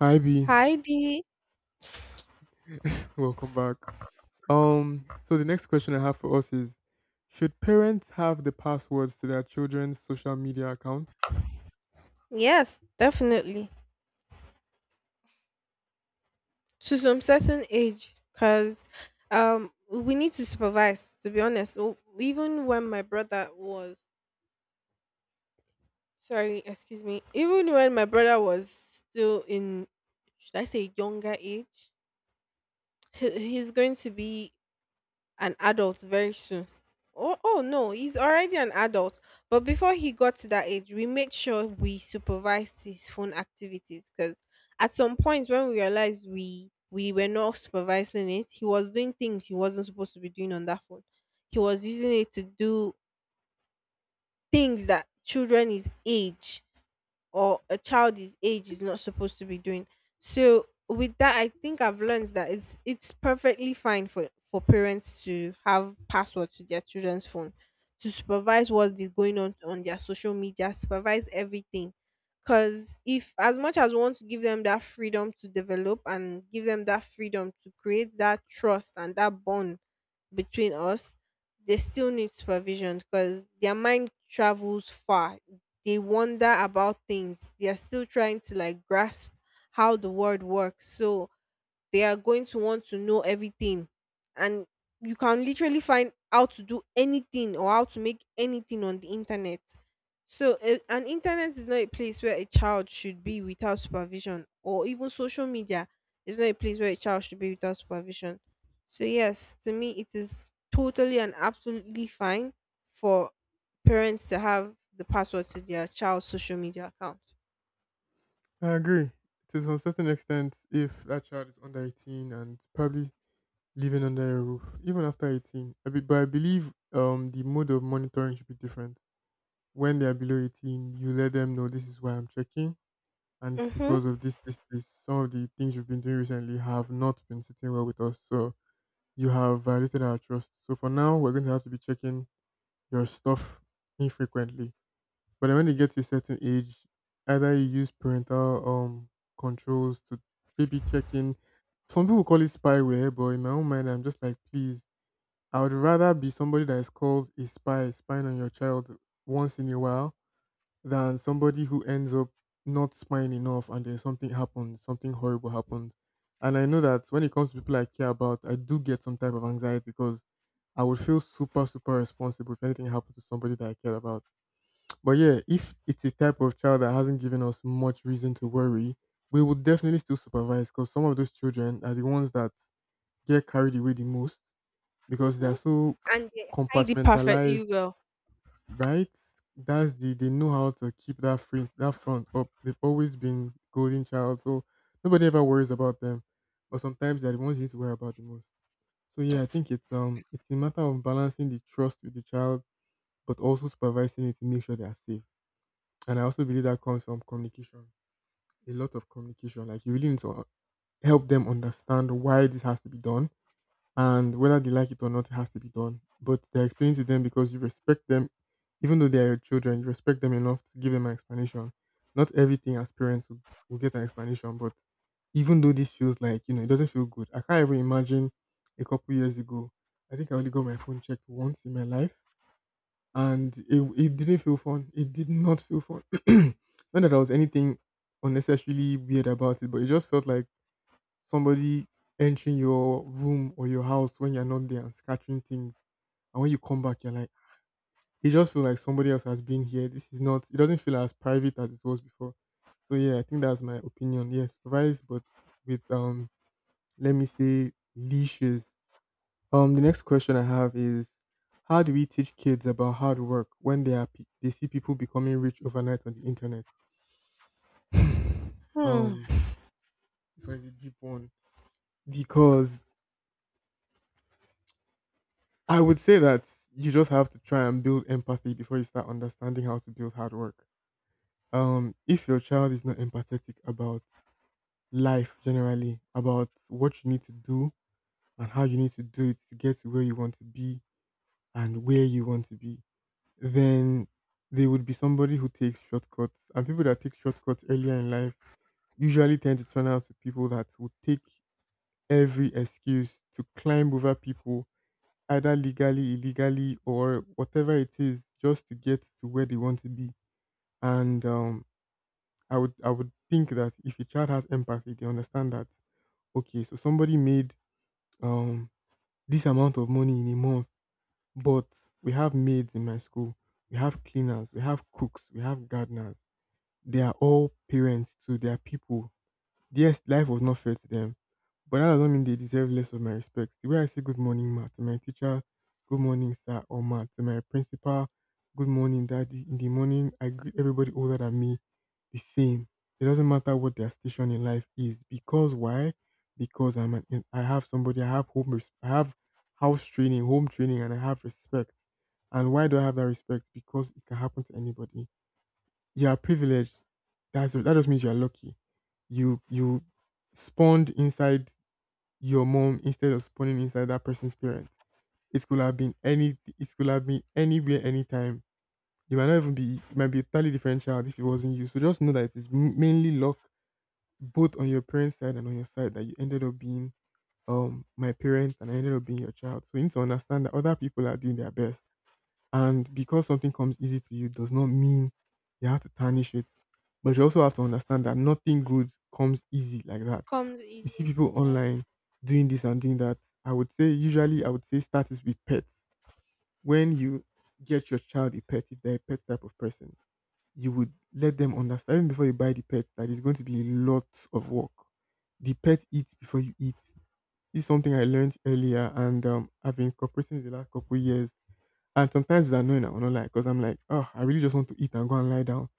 Hi B, Heidi, welcome back. So the next question I have for us is: Should parents have the passwords to their children's social media accounts? yes, definitely. To some certain age, because we need to supervise, to be honest. Even when my brother was, sorry, excuse me, even when my brother was still in, should I say, younger age, he's going to be an adult very soon. Oh, oh no, he's already an adult. But before he got to that age, we made sure we supervised his phone activities because at some point when we realized we were not supervising it, he was doing things he wasn't supposed to be doing on that phone. He was using it to do things that children his age or a child his age is not supposed to be doing. So with that, I think I've learned that it's perfectly fine for parents to have password to their children's phone to supervise what is going on their social media, supervise everything. Because if as much as we want to give them that freedom to develop and give them that freedom to create that trust and that bond between us, they still need supervision because their mind travels far, they wonder about things. They're still trying to like grasp how the world works. So they are going to want to know everything, and you can literally find how to do anything or how to make anything on the internet, so an internet is not a place where a child should be without supervision, or even social media is not a place where a child should be without supervision. So yes, to me it is totally and absolutely fine for parents to have the password to their child's social media account. I agree to some certain extent if that child is under 18 and probably living under a roof, even after 18. But I believe the mode of monitoring should be different. When they are below 18, you let them know this is why I'm checking, and it's Mm-hmm. because of this, this, this. Some of the things you've been doing recently have not been sitting well with us, so you have violated our trust. So for now, we're going to have to be checking your stuff infrequently. But then when you get to a certain age, either you use parental controls to maybe check in. Some people call it spyware, but in my own mind, I'm just like, please, I would rather be somebody that is called a spy, spying on your child once in a while, than somebody who ends up not smiling enough and then something happens, something horrible happens. And I know that when it comes to people I care about, I do get some type of anxiety because I would feel super, super responsible if anything happened to somebody that I care about. But yeah, if it's a type of child that hasn't given us much reason to worry, we would definitely still supervise because some of those children are the ones that get carried away the most because Mm-hmm. they're so And they hide it perfectly compartmentalized. well. Right? That's the They know how to keep that front up. They've always been golden child, so nobody ever worries about them. But sometimes they're the ones you need to worry about the most. So yeah, I think it's a matter of balancing the trust with the child, but also supervising it to make sure they are safe. And I also believe that comes from communication. A lot of communication. Like you really need to help them understand why this has to be done and whether they like it or not, it has to be done. But they're explaining to them because you respect them, even though they are your children, you respect them enough to give them an explanation. Not everything as parents will get an explanation, but even though this feels like, it doesn't feel good. I can't even imagine a couple years ago, I think I only got my phone checked once in my life, and it didn't feel fun. It did not feel fun. Not that there was anything unnecessarily weird about it, but it just felt like somebody entering your room or your house when you're not there and scattering things. And when you come back, you're like, it just feels like somebody else has been here. This is not, it doesn't feel as private as it was before. So yeah, I think that's my opinion. Yeah, supervised, but with, let me say leashes. The next question I have is, how do we teach kids about hard work when they see people becoming rich overnight on the internet? Hmm. um, this one is a deep one because I would say that you just have to try and build empathy before you start understanding how to build hard work. If your child is not empathetic about life generally, about what you need to do and how you need to do it to get to where you want to be and where you want to be, then they would be somebody who takes shortcuts. And people that take shortcuts earlier in life usually tend to turn out to people that would take every excuse to climb over people either legally, illegally, or whatever it is, just to get to where they want to be. And I would think that if a child has empathy, they understand that okay, so somebody made um this amount of money in a month, but we have maids in my school, we have cleaners, we have cooks, we have gardeners. They are all parents to their people. Yes, life was not fair to them, but that doesn't mean they deserve less of my respect. The way I say good morning, ma, to my teacher, good morning, sir, or ma, to my principal, good morning, daddy. In the morning, I greet everybody older than me the same. It doesn't matter what their station in life is, because why? Because I have somebody, I have house training, home training, and I have respect. And why do I have that respect? Because it can happen to anybody. You are privileged. That just means you are lucky. You spawned inside your mom instead of spawning inside that person's parents. It could have been any. It could have been anywhere, anytime. You might not even be. It might be a totally different child if it wasn't you. So just know that it is mainly luck, both on your parents' side and on your side, that you ended up being my parent and I ended up being your child. So you need to understand that other people are doing their best. And because something comes easy to you does not mean you have to tarnish it. But you also have to understand that nothing good comes easy like that. Comes You see easy. people Yeah. online doing this and doing that. I would say, usually, I would say start is with pets. When you get your child a pet, if they're a pet type of person, you would let them understand even before you buy the pet that it's going to be a lot of work. The pet eats before you eat. This is something I learned earlier and I've been incorporating in the last couple of years and sometimes it's annoying, I will not lie, because I'm like, oh, I really just want to eat and go and lie down.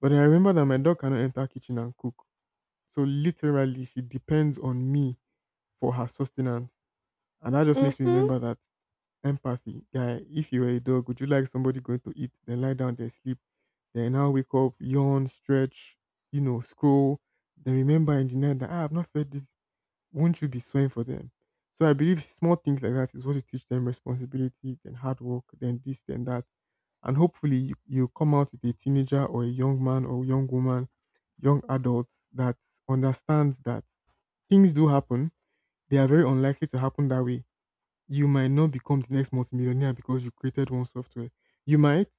But then I remember that my dog cannot enter kitchen and cook. So literally, she depends on me for her sustenance. And that just makes me Mhm. remember that empathy. Guy, if you were a dog, would you like somebody going to eat, then lie down, then sleep, then now wake up, yawn, stretch, scroll, then remember in the night that I've not fed this, won't you be sewing for them? So I believe small things like that is what you teach them responsibility, then hard work, then this, then that. And hopefully you come out with a teenager or a young man or young woman, young adults that understands that things do happen. They are very unlikely to happen that way. You might not become the next multimillionaire because you created one software. You might,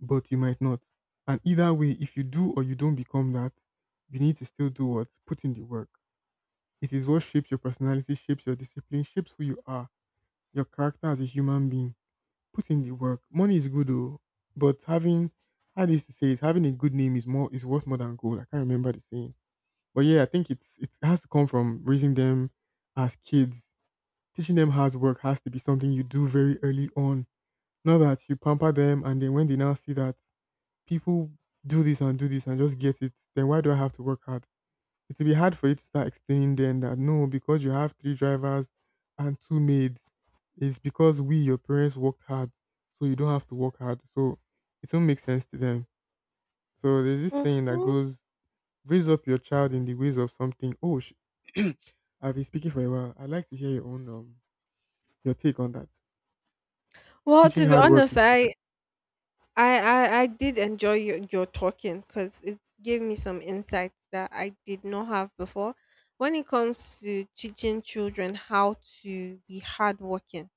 but you might not. And either way, if you do or you don't become that, you need to still do what? Put in the work. It is what shapes your personality, shapes your discipline, shapes who you are, your character as a human being. Put in the work. Money is good though, but having how they used to say it, having a good name is worth more than gold. I can't remember the saying. But yeah, I think it has to come from raising them as kids. Teaching them hard work has to be something you do very early on. Not that you pamper them and then when they now see that people do this and just get it, then why do I have to work hard? It will be hard for you to start explaining then that no, because you have three drivers and two maids, it's because we, your parents, worked hard, so you don't have to work hard. So it won't make sense to them. So there's this saying that Mhm. goes, raise up your child in the ways of something. I've been speaking for a while. I'd like to hear your own, your take on that. Well, Teaching to be hard work to honest, children. I did enjoy your talking because it gave me some insights that I did not have before. When it comes to teaching children how to be hardworking,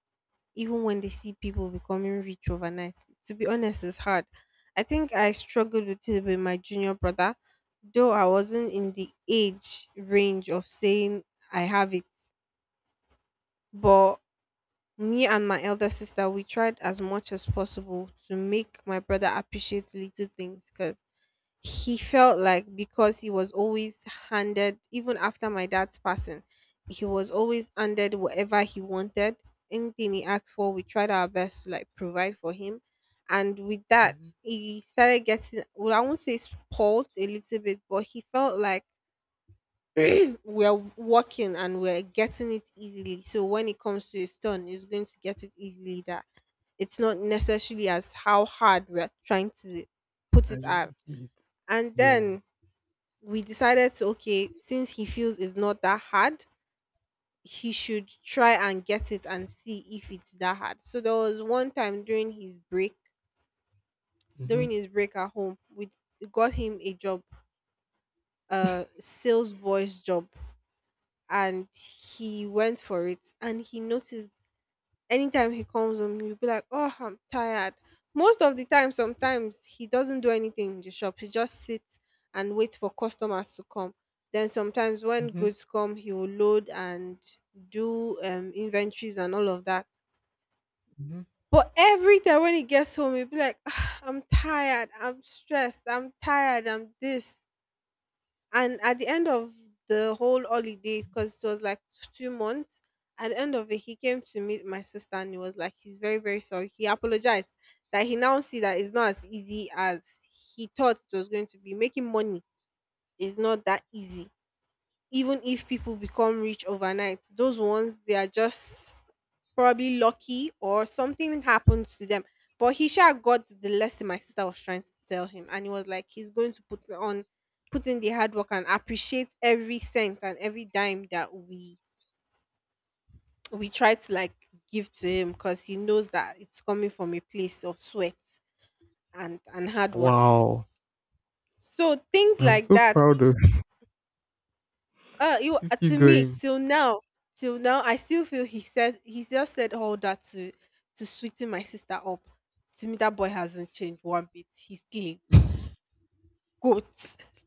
even when they see people becoming rich overnight, to be honest, it's hard. I think I struggled with it with my junior brother, though I wasn't in the age range of saying I have it, but me and my elder sister, we tried as much as possible to make my brother appreciate little things because he felt like because he was always handed, even after my dad's passing, he was always handed whatever he wanted. Anything he asked for, we tried our best to like provide for him. And with that, Hmm. he started getting, well, I won't say spoiled a little bit, but he felt like we are working and we're getting it easily. So when it comes to his turn, he's going to get it easily. That it's not necessarily as how hard we're trying to put As it you're as. making it. And Yeah. then we decided to okay, since he feels it's not that hard, he should try and get it and see if it's that hard. So there was one time Hmm. during his break at home, we got him a job, a sales boy's job, and he went for it and he noticed anytime he comes home, he'll be like, "Oh, I'm tired." Most of the time, sometimes he doesn't do anything in the shop. He just sits and waits for customers to come. Then sometimes when Hmm. goods come, he will load and do inventories and all of that. Hmm. But every time when he gets home, he'll be like, "Ah, I'm tired. I'm stressed. I'm tired. I'm this." And at the end of the whole holiday, because it was like 2 months, at the end of it he came to meet my sister and he was like, he's very very sorry, he apologized that he now see that it's not as easy as he thought it was going to be. Making money is not that easy. Even if people become rich overnight, those ones they are just probably lucky or something happens to them. But he sure got the lesson my sister was trying to tell him, and he was like, he's going to put in the hard work and appreciate every cent and every dime that we try to like give to him because he knows that it's coming from a place of sweat and hard work. Wow. So things I'm like so that. proud of. You Please keep to me going. Till now, I still feel he just said all that to sweeten my sister up. To me, that boy hasn't changed one bit. He's still a goat.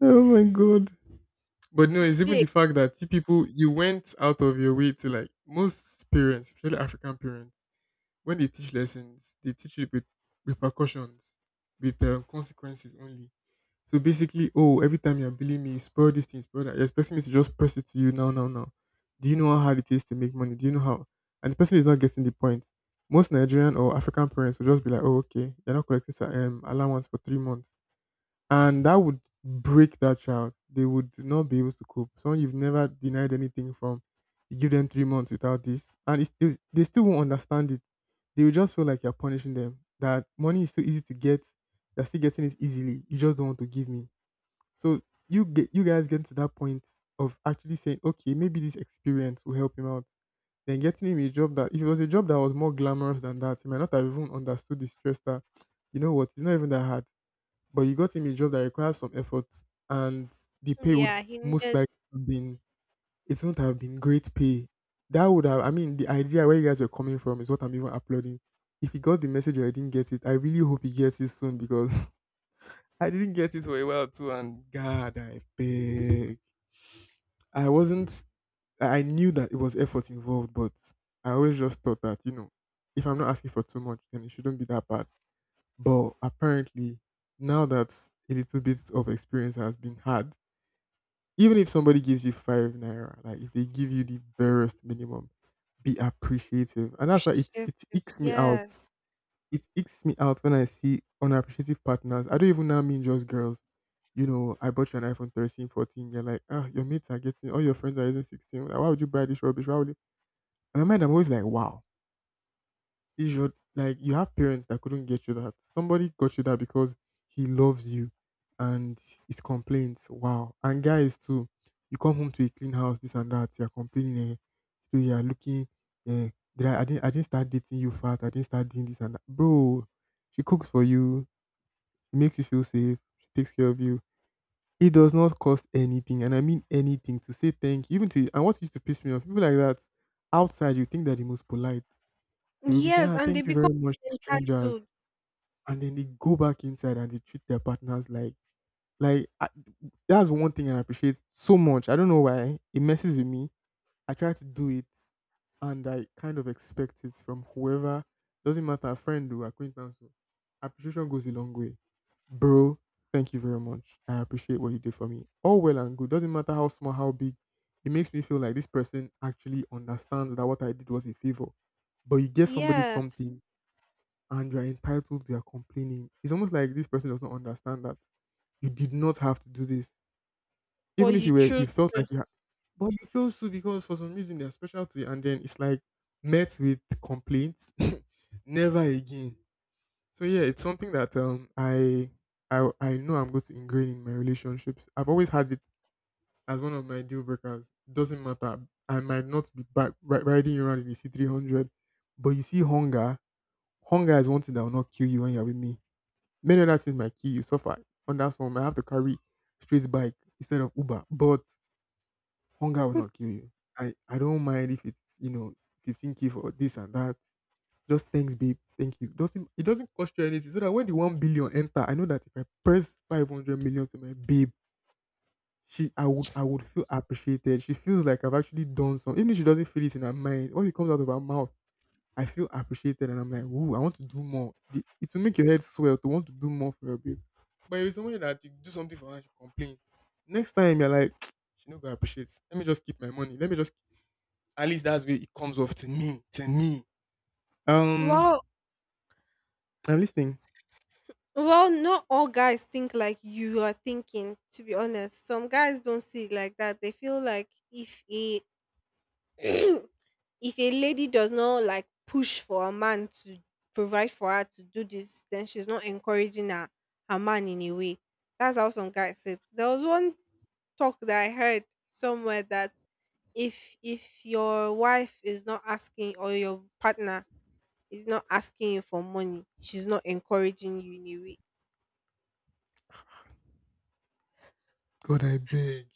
Oh my god. But no, He's it's even still the fact that you people you went out of your way to like most parents, especially African parents, when they teach lessons, they teach it with repercussions, with consequences only. So basically, oh, every time you're billing me, spoil these things, spoil that. You're expecting me to just press it to you now, now, now. Do you know how hard it is to make money? Do you know how? And the person is not getting the point. Most Nigerian or African parents will just be like, oh, okay, you're not collecting allowance for 3 months, and that would break that child. They would not be able to cope. Someone you've never denied anything from, you give them 3 months without this, and it's still, they still won't understand it. They will just feel like you're punishing them. That money is so easy to get. They're still getting it easily. You just don't want to give me. So you guys get to that point of actually saying, okay, maybe this experience will help him out. Then getting him a job that, if it was a job that was more glamorous than that, he might not have even understood the stress that, you know what, it's not even that hard, but you got him a job that requires some effort, and the pay would yeah. He most needed likely have been, it wouldn't have been great pay. That would have, the idea where you guys were coming from is what I'm even applauding. If he got the message or I didn't get it, I really hope he gets it soon, because I didn't get it for a while too, and God I beg. I wasn't, I knew that it was effort involved, but I always just thought that, if I'm not asking for too much, then it shouldn't be that bad. But apparently, now that a little bit of experience has been had, even if somebody gives you five naira, like if they give you the barest minimum, be appreciative. And that's why it appreciative. it icks me out. Yes, It icks me out when I see unappreciative partners. I don't even now mean just girls. You know, I bought you an iPhone 13, 14. You're like, ah, your mates are getting, all your friends are using 16. Like, why would you buy this rubbish? Why would you? In my mind, I'm always like, wow. You should, like, you have parents that couldn't get you that. Somebody got you that because he loves you, and it's complaints. Wow. And guys too, you come home to a clean house, this and that, you're complaining, eh, so you're looking, eh, I didn't, I didn't start dating you fat, I didn't start doing this and that. Bro, she cooks for you, she makes you feel safe, she takes care of you. It does not cost anything, and I mean anything, to say thank you. Even to, and what used to piss me off, people like that outside, you think they're the most polite, they will be saying, yes, "Ah, and they thank you become very much," to strangers, entitled. and then they go back inside and they treat their partners like, like I, that's one thing I appreciate so much. I don't know why it messes with me. I try to do it, and I kind of expect it from whoever. Doesn't matter, friend or acquaintance. Oh. Appreciation goes a long way, bro. Thank you very much. I appreciate what you did for me. All well and good. Doesn't matter how small, how big. It makes me feel like this person actually understands that what I did was a favor. But you get somebody Yes, something and you are entitled, you are complaining. It's almost like this person does not understand that you did not have to do this. but Even if you you were, you choose. felt like you had, but you chose to, because for some reason they're special to you, and then it's like, met with complaints. Never again. So yeah, it's something that, I know I'm going to ingrain in my relationships. I've always had it as one of my deal breakers. Doesn't matter. I might not be back riding you around in the C 300, but you see hunger. Hunger is one thing that will not kill you when you're with me. Many other things might kill you, suffer. On that one, I have to carry straight bike instead of Uber, but hunger will not kill you. I don't mind if it's, you know, 15k for this and that. Just thanks, babe. Thank you. Doesn't it doesn't cost you anything. So that when the 1 billion enter, I know that if I press 500 million to my babe, she I would feel appreciated. She feels like I've actually done something. Even if she doesn't feel it in her mind, when it comes out of her mouth, I feel appreciated, and I'm like, ooh, I want to do more. It will make your head swell to want to do more for your babe. But if it's somebody that you do something for her and she complains, next time you're like, she no going appreciate. Let me just keep my money. Let me just, at least that's where it comes off to me. To me. Um Well. I'm listening. Well, not all guys think like you are thinking. To be honest, some guys don't see it like that. They feel like if he if a lady does not like push for a man to provide for her to do this, then she's not encouraging her man in a way. That's how some guys said. There was one talk that I heard somewhere that if your wife is not asking or your partner is not asking you for money, she's not encouraging you in a way. God I beg.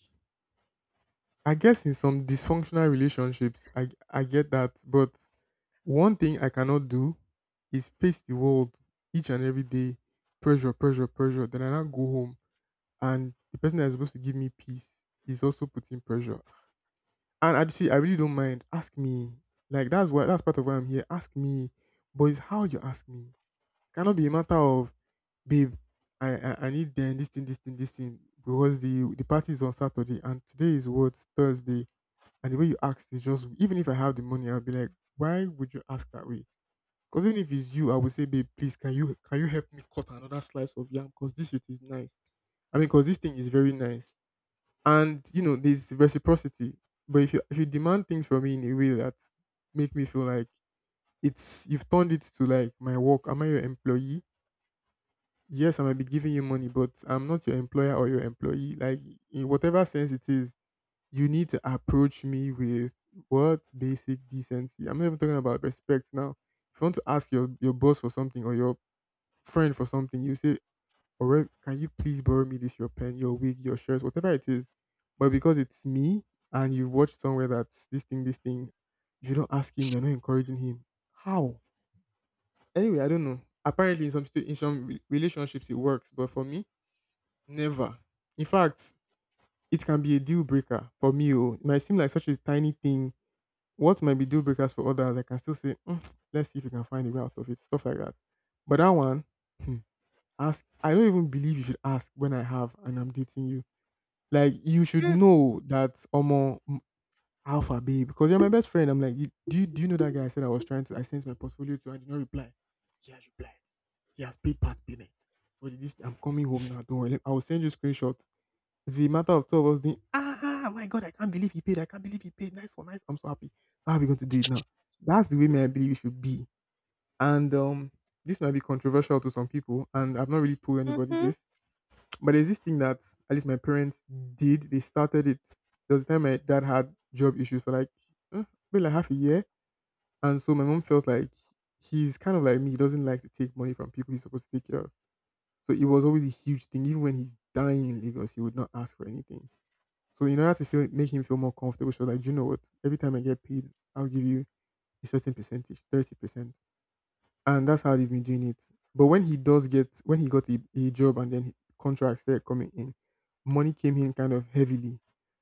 I guess in some dysfunctional relationships, I get that. But one thing I cannot do is face the world each and every day. Pressure, pressure, pressure. Then I now go home, and the person that is supposed to give me peace is also putting pressure. And I see, I really don't mind. Ask me, like, that's why that's part of why I'm here. Ask me, but it's how you ask me. It cannot be a matter of, babe, I need then this thing, this thing, this thing, because the party is on Saturday and today is what, Thursday. And the way you ask is just, even if I have the money, I'll be like, why would you ask that way? Because even if it's you, I would say, babe, please, can you help me cut another slice of yam? Because this shit is nice. Because this thing is very nice. And you know, there's reciprocity. But if you demand things from me in a way that make me feel like, it's you've turned it to like my work. Am I your employee? Yes, I might be giving you money, but I'm not your employer or your employee. Like, in whatever sense it is, you need to approach me with, what, basic decency. I'm not even talking about respect now. If you want to ask your boss for something or your friend for something, you say, or where, can you please borrow me this your pen, your wig, your shirt, whatever it is. But because it's me, and you've watched somewhere that this thing, if you don't ask him, you're not encouraging him. How? Anyway, I don't know. Apparently, in some in some relationships it works, but for me, never. In fact, it can be a deal breaker for me. Oh, it might seem like such a tiny thing. What might be deal breakers for others, I can still say, "Mm, let's see if we can find a way out of it." Stuff like that. But that one, hmm, ask. I don't even believe you should ask when I have and I'm dating you. Like, you should Mm, know that, omo, mm, alpha babe, because you're my best friend. I'm like, "You- do you know that guy I said I was trying to, I sent my portfolio to and did not reply. He has replied. He has paid part payment for this. I'm coming home now. Don't worry. Like, I will send you screenshots." It's a matter of two of us doing, ah my god, I can't believe he paid. I can't believe he paid. Nice for nice. I'm so happy. So how are we going to do it now? That's the way me I believe it should be. And this might be controversial to some people, and I've not really told anybody mhm. this, but there's this thing that at least my parents did. They started it. There was a time my dad had job issues for like, eh, maybe like half a year, and so my mom felt like, he's kind of like me. He doesn't like to take money from people he's supposed to take care of. So it was always a huge thing. Even when he's dying in Lagos, he would not ask for anything. So, in order to feel, make him feel more comfortable, she was like, "Do you know what? Every time I get paid, I'll give you a certain percentage, 30%," and that's how they've been doing it. But when he does get when he got a job, and then contracts started coming in, money came in kind of heavily.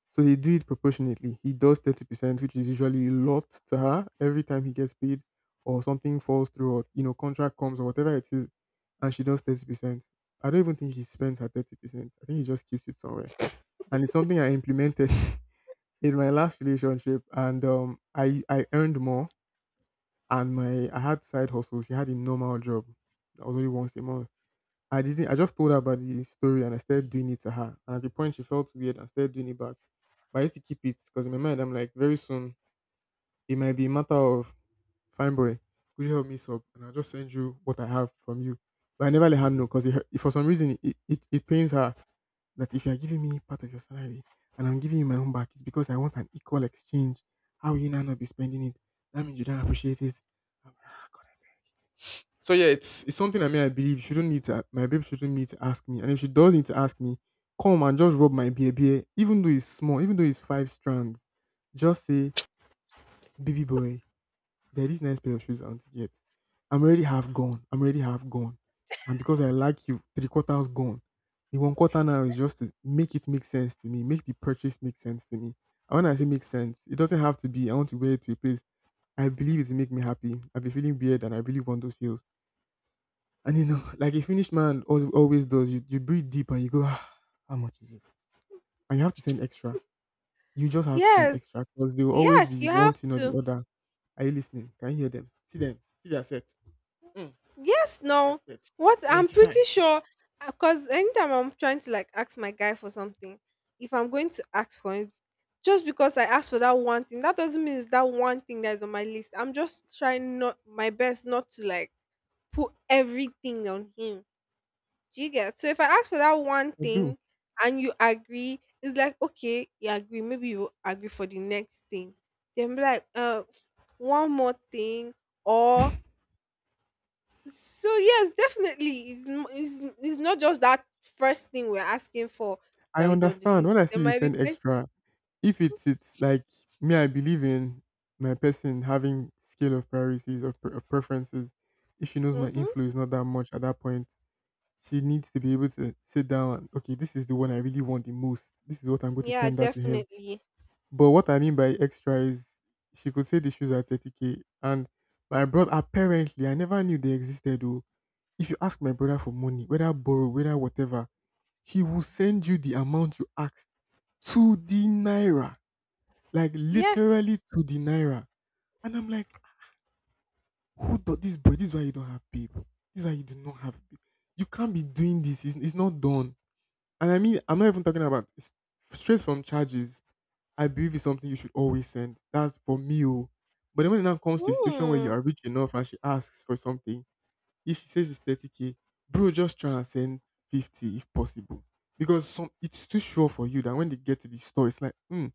So he do it proportionately. He does 30%, which is usually a lot to her, every time he gets paid, or something falls through, or you know, contract comes or whatever it is, and she does 30%. I don't even think he spends her 30%. I think he just keeps it somewhere, and it's something I implemented in my last relationship, and I earned more and my I had side hustle. She had a normal job that was only once a month. I didn't. I just told her about the story and I started doing it to her. And at the point, she felt weird and started doing it back. But I used to keep it because in my mind, I'm like, very soon it might be a matter of fine boy. Could you help me sub? And I'll just send you what I have from you. But I never let her know because for some reason it pains her that if you are giving me part of your salary and I'm giving you my own back, it's because I want an equal exchange. How will you now not be spending it? That means you don't appreciate it. So yeah, it's something I mean I believe she do not need to my babe shouldn't need to ask me. And if she does need to ask me, come and just rub my beer, even though it's small, even though it's 5 strands, just say, baby boy, there are these nice pair of shoes I want to get. I'm already half gone. I'm already half gone. And because I like you, three quarters gone. The one quarter now is just to make it make sense to me, make the purchase make sense to me. And when I say make sense, it doesn't have to be I want to wear it to a place. I believe it will make me happy. I've been feeling weird and I really want those heels, and you know, like a finished man always does, you breathe deep and you go, ah, how much is it? And you have to send extra. You just have to send Yes, extra because they will always yes, be you have one thing or the to. other. Are you listening? Can you hear them? See them. See their sets. Mm, Yes, see their no. sets. What I'm Identify. pretty sure, because anytime I'm trying to like ask my guy for something, if I'm going to ask for him, just because I asked for that one thing, that doesn't mean it's that one thing that is on my list. I'm just trying not my best not to like put everything on him. Do you get? So if I ask for that one I do. thing and you agree, it's like okay, you agree. Maybe you agree for the next thing. Then be like, one more thing, or so yes, definitely, it's not just that first thing we're asking for I that is on the understand. list. When I see There you might be send plenty. extra, if it's like me, I believe in my person having scale of priorities or pre- of preferences. If she knows my Mm-hmm. inflow is not that much at that point, she needs to be able to sit down and okay, this is the one I really want the most. This is what I'm going to Yeah, tender to him. definitely. But what I mean by extra is she could say the shoes are 30k. And my brother apparently I never knew they existed though. If you ask my brother for money, whether borrow, whether whatever, he will send you the amount you asked to the naira. Like Yes. literally to the naira. And I'm like, who do this boy? This is why you don't have people. This is why you do not have babe. You can't be doing this. It's not done. And I mean, I'm not even talking about straight from charges. I believe it's something you should always send. That's for me. Oh. But then when it now comes to a situation where you Hmm. are rich enough and she asks for something, if she says it's 30k, bro, just try and send 50 if possible. Because some it's too sure for you that when they get to the store, it's like, hmm,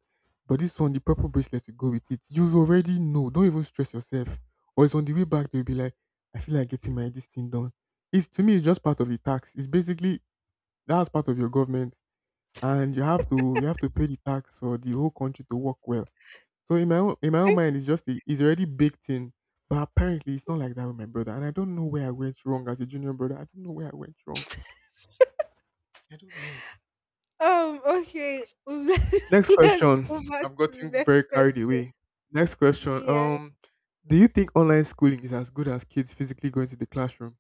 but this one, the purple bracelet to go with it. You already know. Don't even stress yourself. Or it's on the way back, they'll be like, I feel like getting my this thing done. It's to me, it's just part of the tax. It's basically that's part of your government and you have to pay the tax for the whole country to work well. So in my own Eh, mind, it's just it's already baked in. But apparently, it's not like that with my brother, and I don't know where I went wrong as a junior brother. I don't know where I went wrong. I don't know. Okay. Next Let's question. go back I've to the gotten very next carried question. away. Next question. Yeah. Do you think online schooling is as good as kids physically going to the classroom?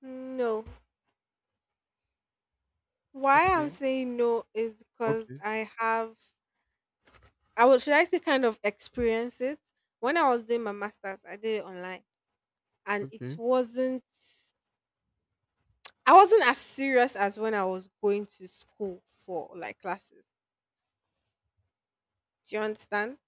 No. Why I'm Explain. saying no is because Okay. I have. I would, should I say, kind of experience it. When I was doing my masters, I did it online, and it Okay. wasn't I wasn't as serious as when I was going to school for like classes. Do you Hmm. understand?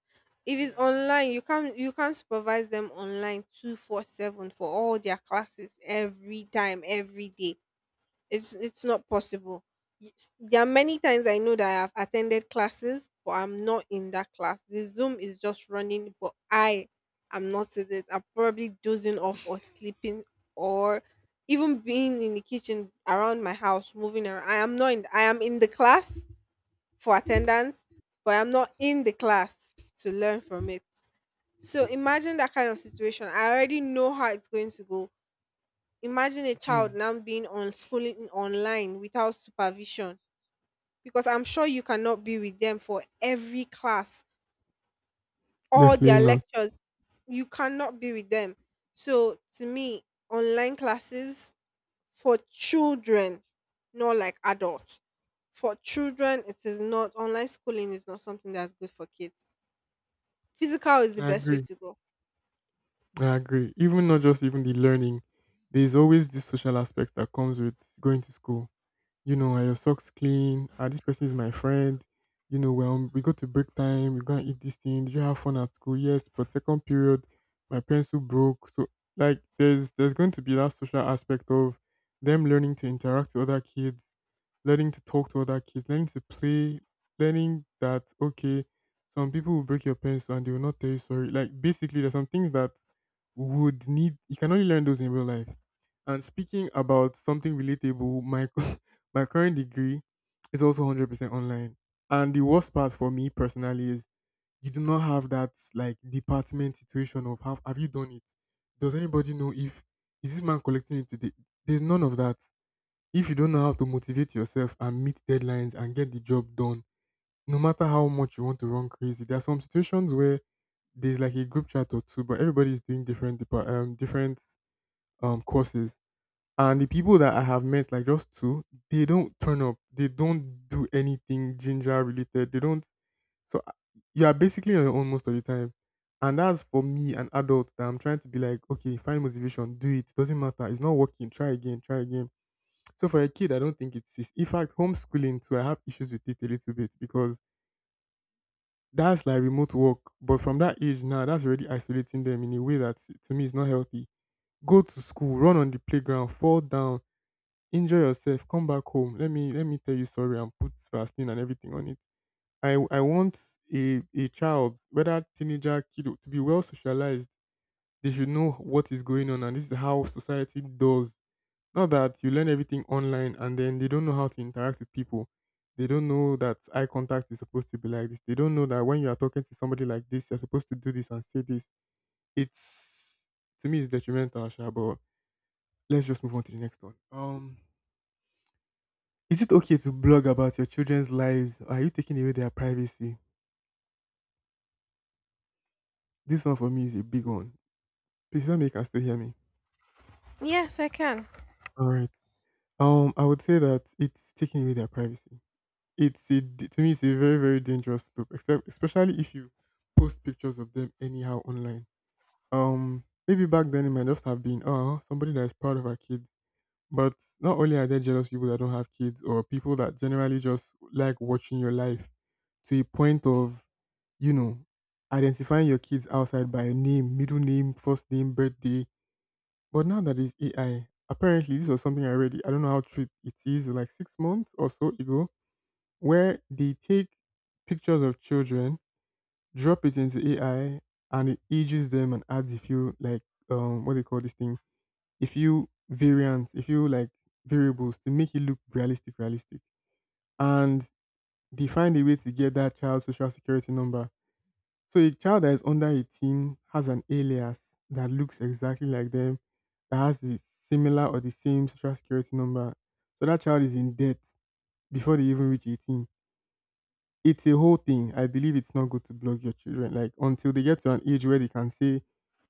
If it's Yeah, I do. online, you can't supervise them online 24/7 for all their classes every time, every day. It's not possible. There are many times I know that I have attended classes, but I'm not in that class. The Zoom is just running, but I am not in it. I'm probably dozing off or sleeping or even being in the kitchen around my house, moving around. I am not in I am in the class for attendance, but I'm not in the class to learn from it. So imagine that kind of situation. I already know how it's going to go. Imagine a child Hmm. now being on schooling online without supervision, because I'm sure you cannot be with them for every class, all Definitely their not. lectures. You cannot be with them. So to me, online classes for children, not like adults. For children, it is not online schooling is not something that's good for kids. Physical is the I best way agree. to go. I agree. Even not just even the learning, there's always this social aspect that comes with going to school, you know, are your socks clean? Are this person is my friend. You know, well, we go to break time, we go and eat this thing. Did you have fun at school? Yes, but second period, my pencil broke. So like there's going to be that social aspect of them learning to interact with other kids, learning to talk to other kids, learning to play, learning that okay, some people will break your pencil and they will not tell you sorry. Like basically there's some things that would need you can only learn those in real life. And speaking about something relatable, my my current degree is also 100% online. And the worst part for me personally is you do not have that like department situation of have you done it? Does anybody know if is this man collecting it today? There's none of that. If you don't know how to motivate yourself and meet deadlines and get the job done, no matter how much you want to run crazy, there are some situations where there's like a group chat or two, but everybody's doing different different courses. And the people that I have met, like just two, they don't turn up. They don't do anything ginger related. They don't. So you are basically on your own most of the time. And that's for me, an adult, that I'm trying to be like, okay, find motivation, do it. Doesn't matter. It's not working. Try again. Try again. So for a kid, I don't think it's. In fact, homeschooling too, I have issues with it a little bit because that's like remote work. But from that age now, that's already isolating them in a way that to me is not healthy. Go to school, run on the playground, fall down. Enjoy yourself. Come back home. Let me tell you sorry and put Vaseline and everything on it. I want a child, whether teenager, kid, to be well socialized. They should know what is going on, and this is how society does. Not that you learn everything online and then they don't know how to interact with people. They don't know that eye contact is supposed to be like this. They don't know that when you are talking to somebody like this, you're supposed to do this and say this. It's to me it's detrimental, Sha, but let's just move on to the next one. Is it okay to blog about your children's lives? Are you taking away their privacy? This one for me is a big one. Please let me can still hear me. Yes, I can. All right. I would say that it's taking away their privacy. It's to me, it's a very very dangerous step, except especially if you post pictures of them anyhow online. Maybe back then it might just have been oh somebody that is proud of her kids. But not only are there jealous people that don't have kids or people that generally just like watching your life to a point of, you know, identifying your kids outside by a name, middle name, first name, birthday. But now that is AI, apparently this was something I read. I don't know how true it is, like 6 months or so ago, where they take pictures of children, drop it into AI, and it ages them and adds a few like what do you call this thing? A few variants, a few like variables to make it look realistic, realistic. And they find a way to get that child's social security number. So a child that is under 18 has an alias that looks exactly like them, that has the similar or the same social security number. So that child is in debt before they even reach 18. It's a whole thing. I believe it's not good to block your children. Like until they get to an age where they can say,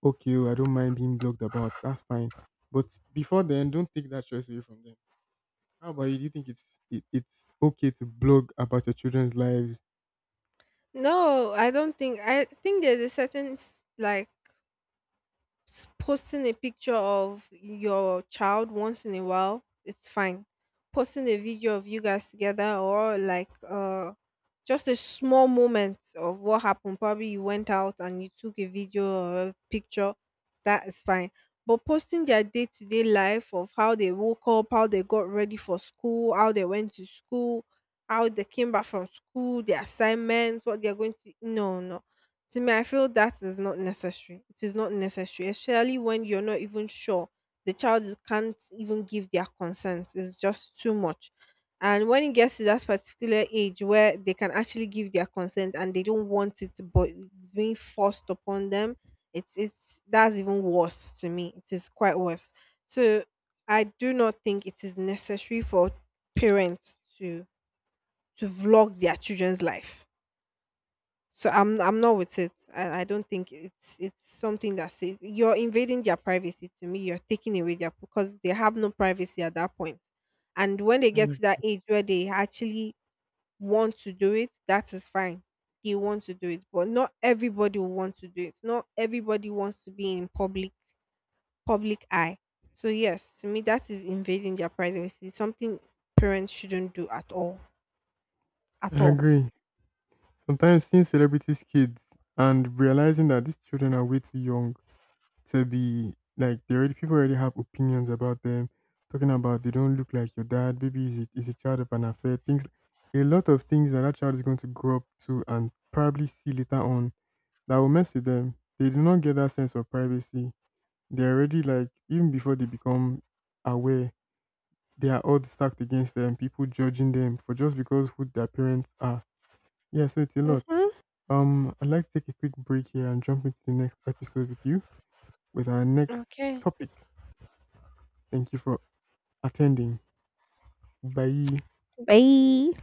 okay, oh, I don't mind being blocked about. That's fine. But before then, don't take that choice away from them. How about you? Do you think it's okay to blog about your children's lives? No, I don't think. I think there's a certain like posting a picture of your child once in a while, it's fine, posting a video of you guys together or like just a small moment of what happened. Probably you went out and you took a video or a picture. That is fine. But posting their day to day life of how they woke up, how they got ready for school, how they went to school, how they came back from school, their assignments, what they're going to, no, no. To me, I feel that is not necessary. It is not necessary, especially when you're not even sure can't even give their consent. It's just too much. And when it gets to that particular age where they can actually give their consent and they don't want it but it's being forced upon them, it's that's even worse. To me, it is quite worse. So I do not think it is necessary for parents to vlog their children's life. So I'm not with it. I don't think it's something that's it. You're invading their privacy. To me, you're taking away their, because they have no privacy at that point. And when they I, get to that ag- age where they actually want to do it, that is fine. They want to do it, but not everybody will want to do it. Not everybody wants to be in public eye. So yes, to me that is invading their privacy. Something parents shouldn't do at all. At I all. agree. Sometimes seeing celebrities' kids and realizing that these children are way too young to be like they already people already have opinions about them, talking about they don't look like your dad, baby is is a child of an affair, things a lot of things that that child is going to grow up to and probably see later on that will mess with them. They do not get that sense of privacy. They're already like even before they become aware they are odds stacked against them, people judging them for just because who their parents are. Yeah, so it's a lot. Mm-hmm. I'd like to take a quick break here and jump into the next episode with you with our next Okay. topic. Thank you for attending. Bye. Bye.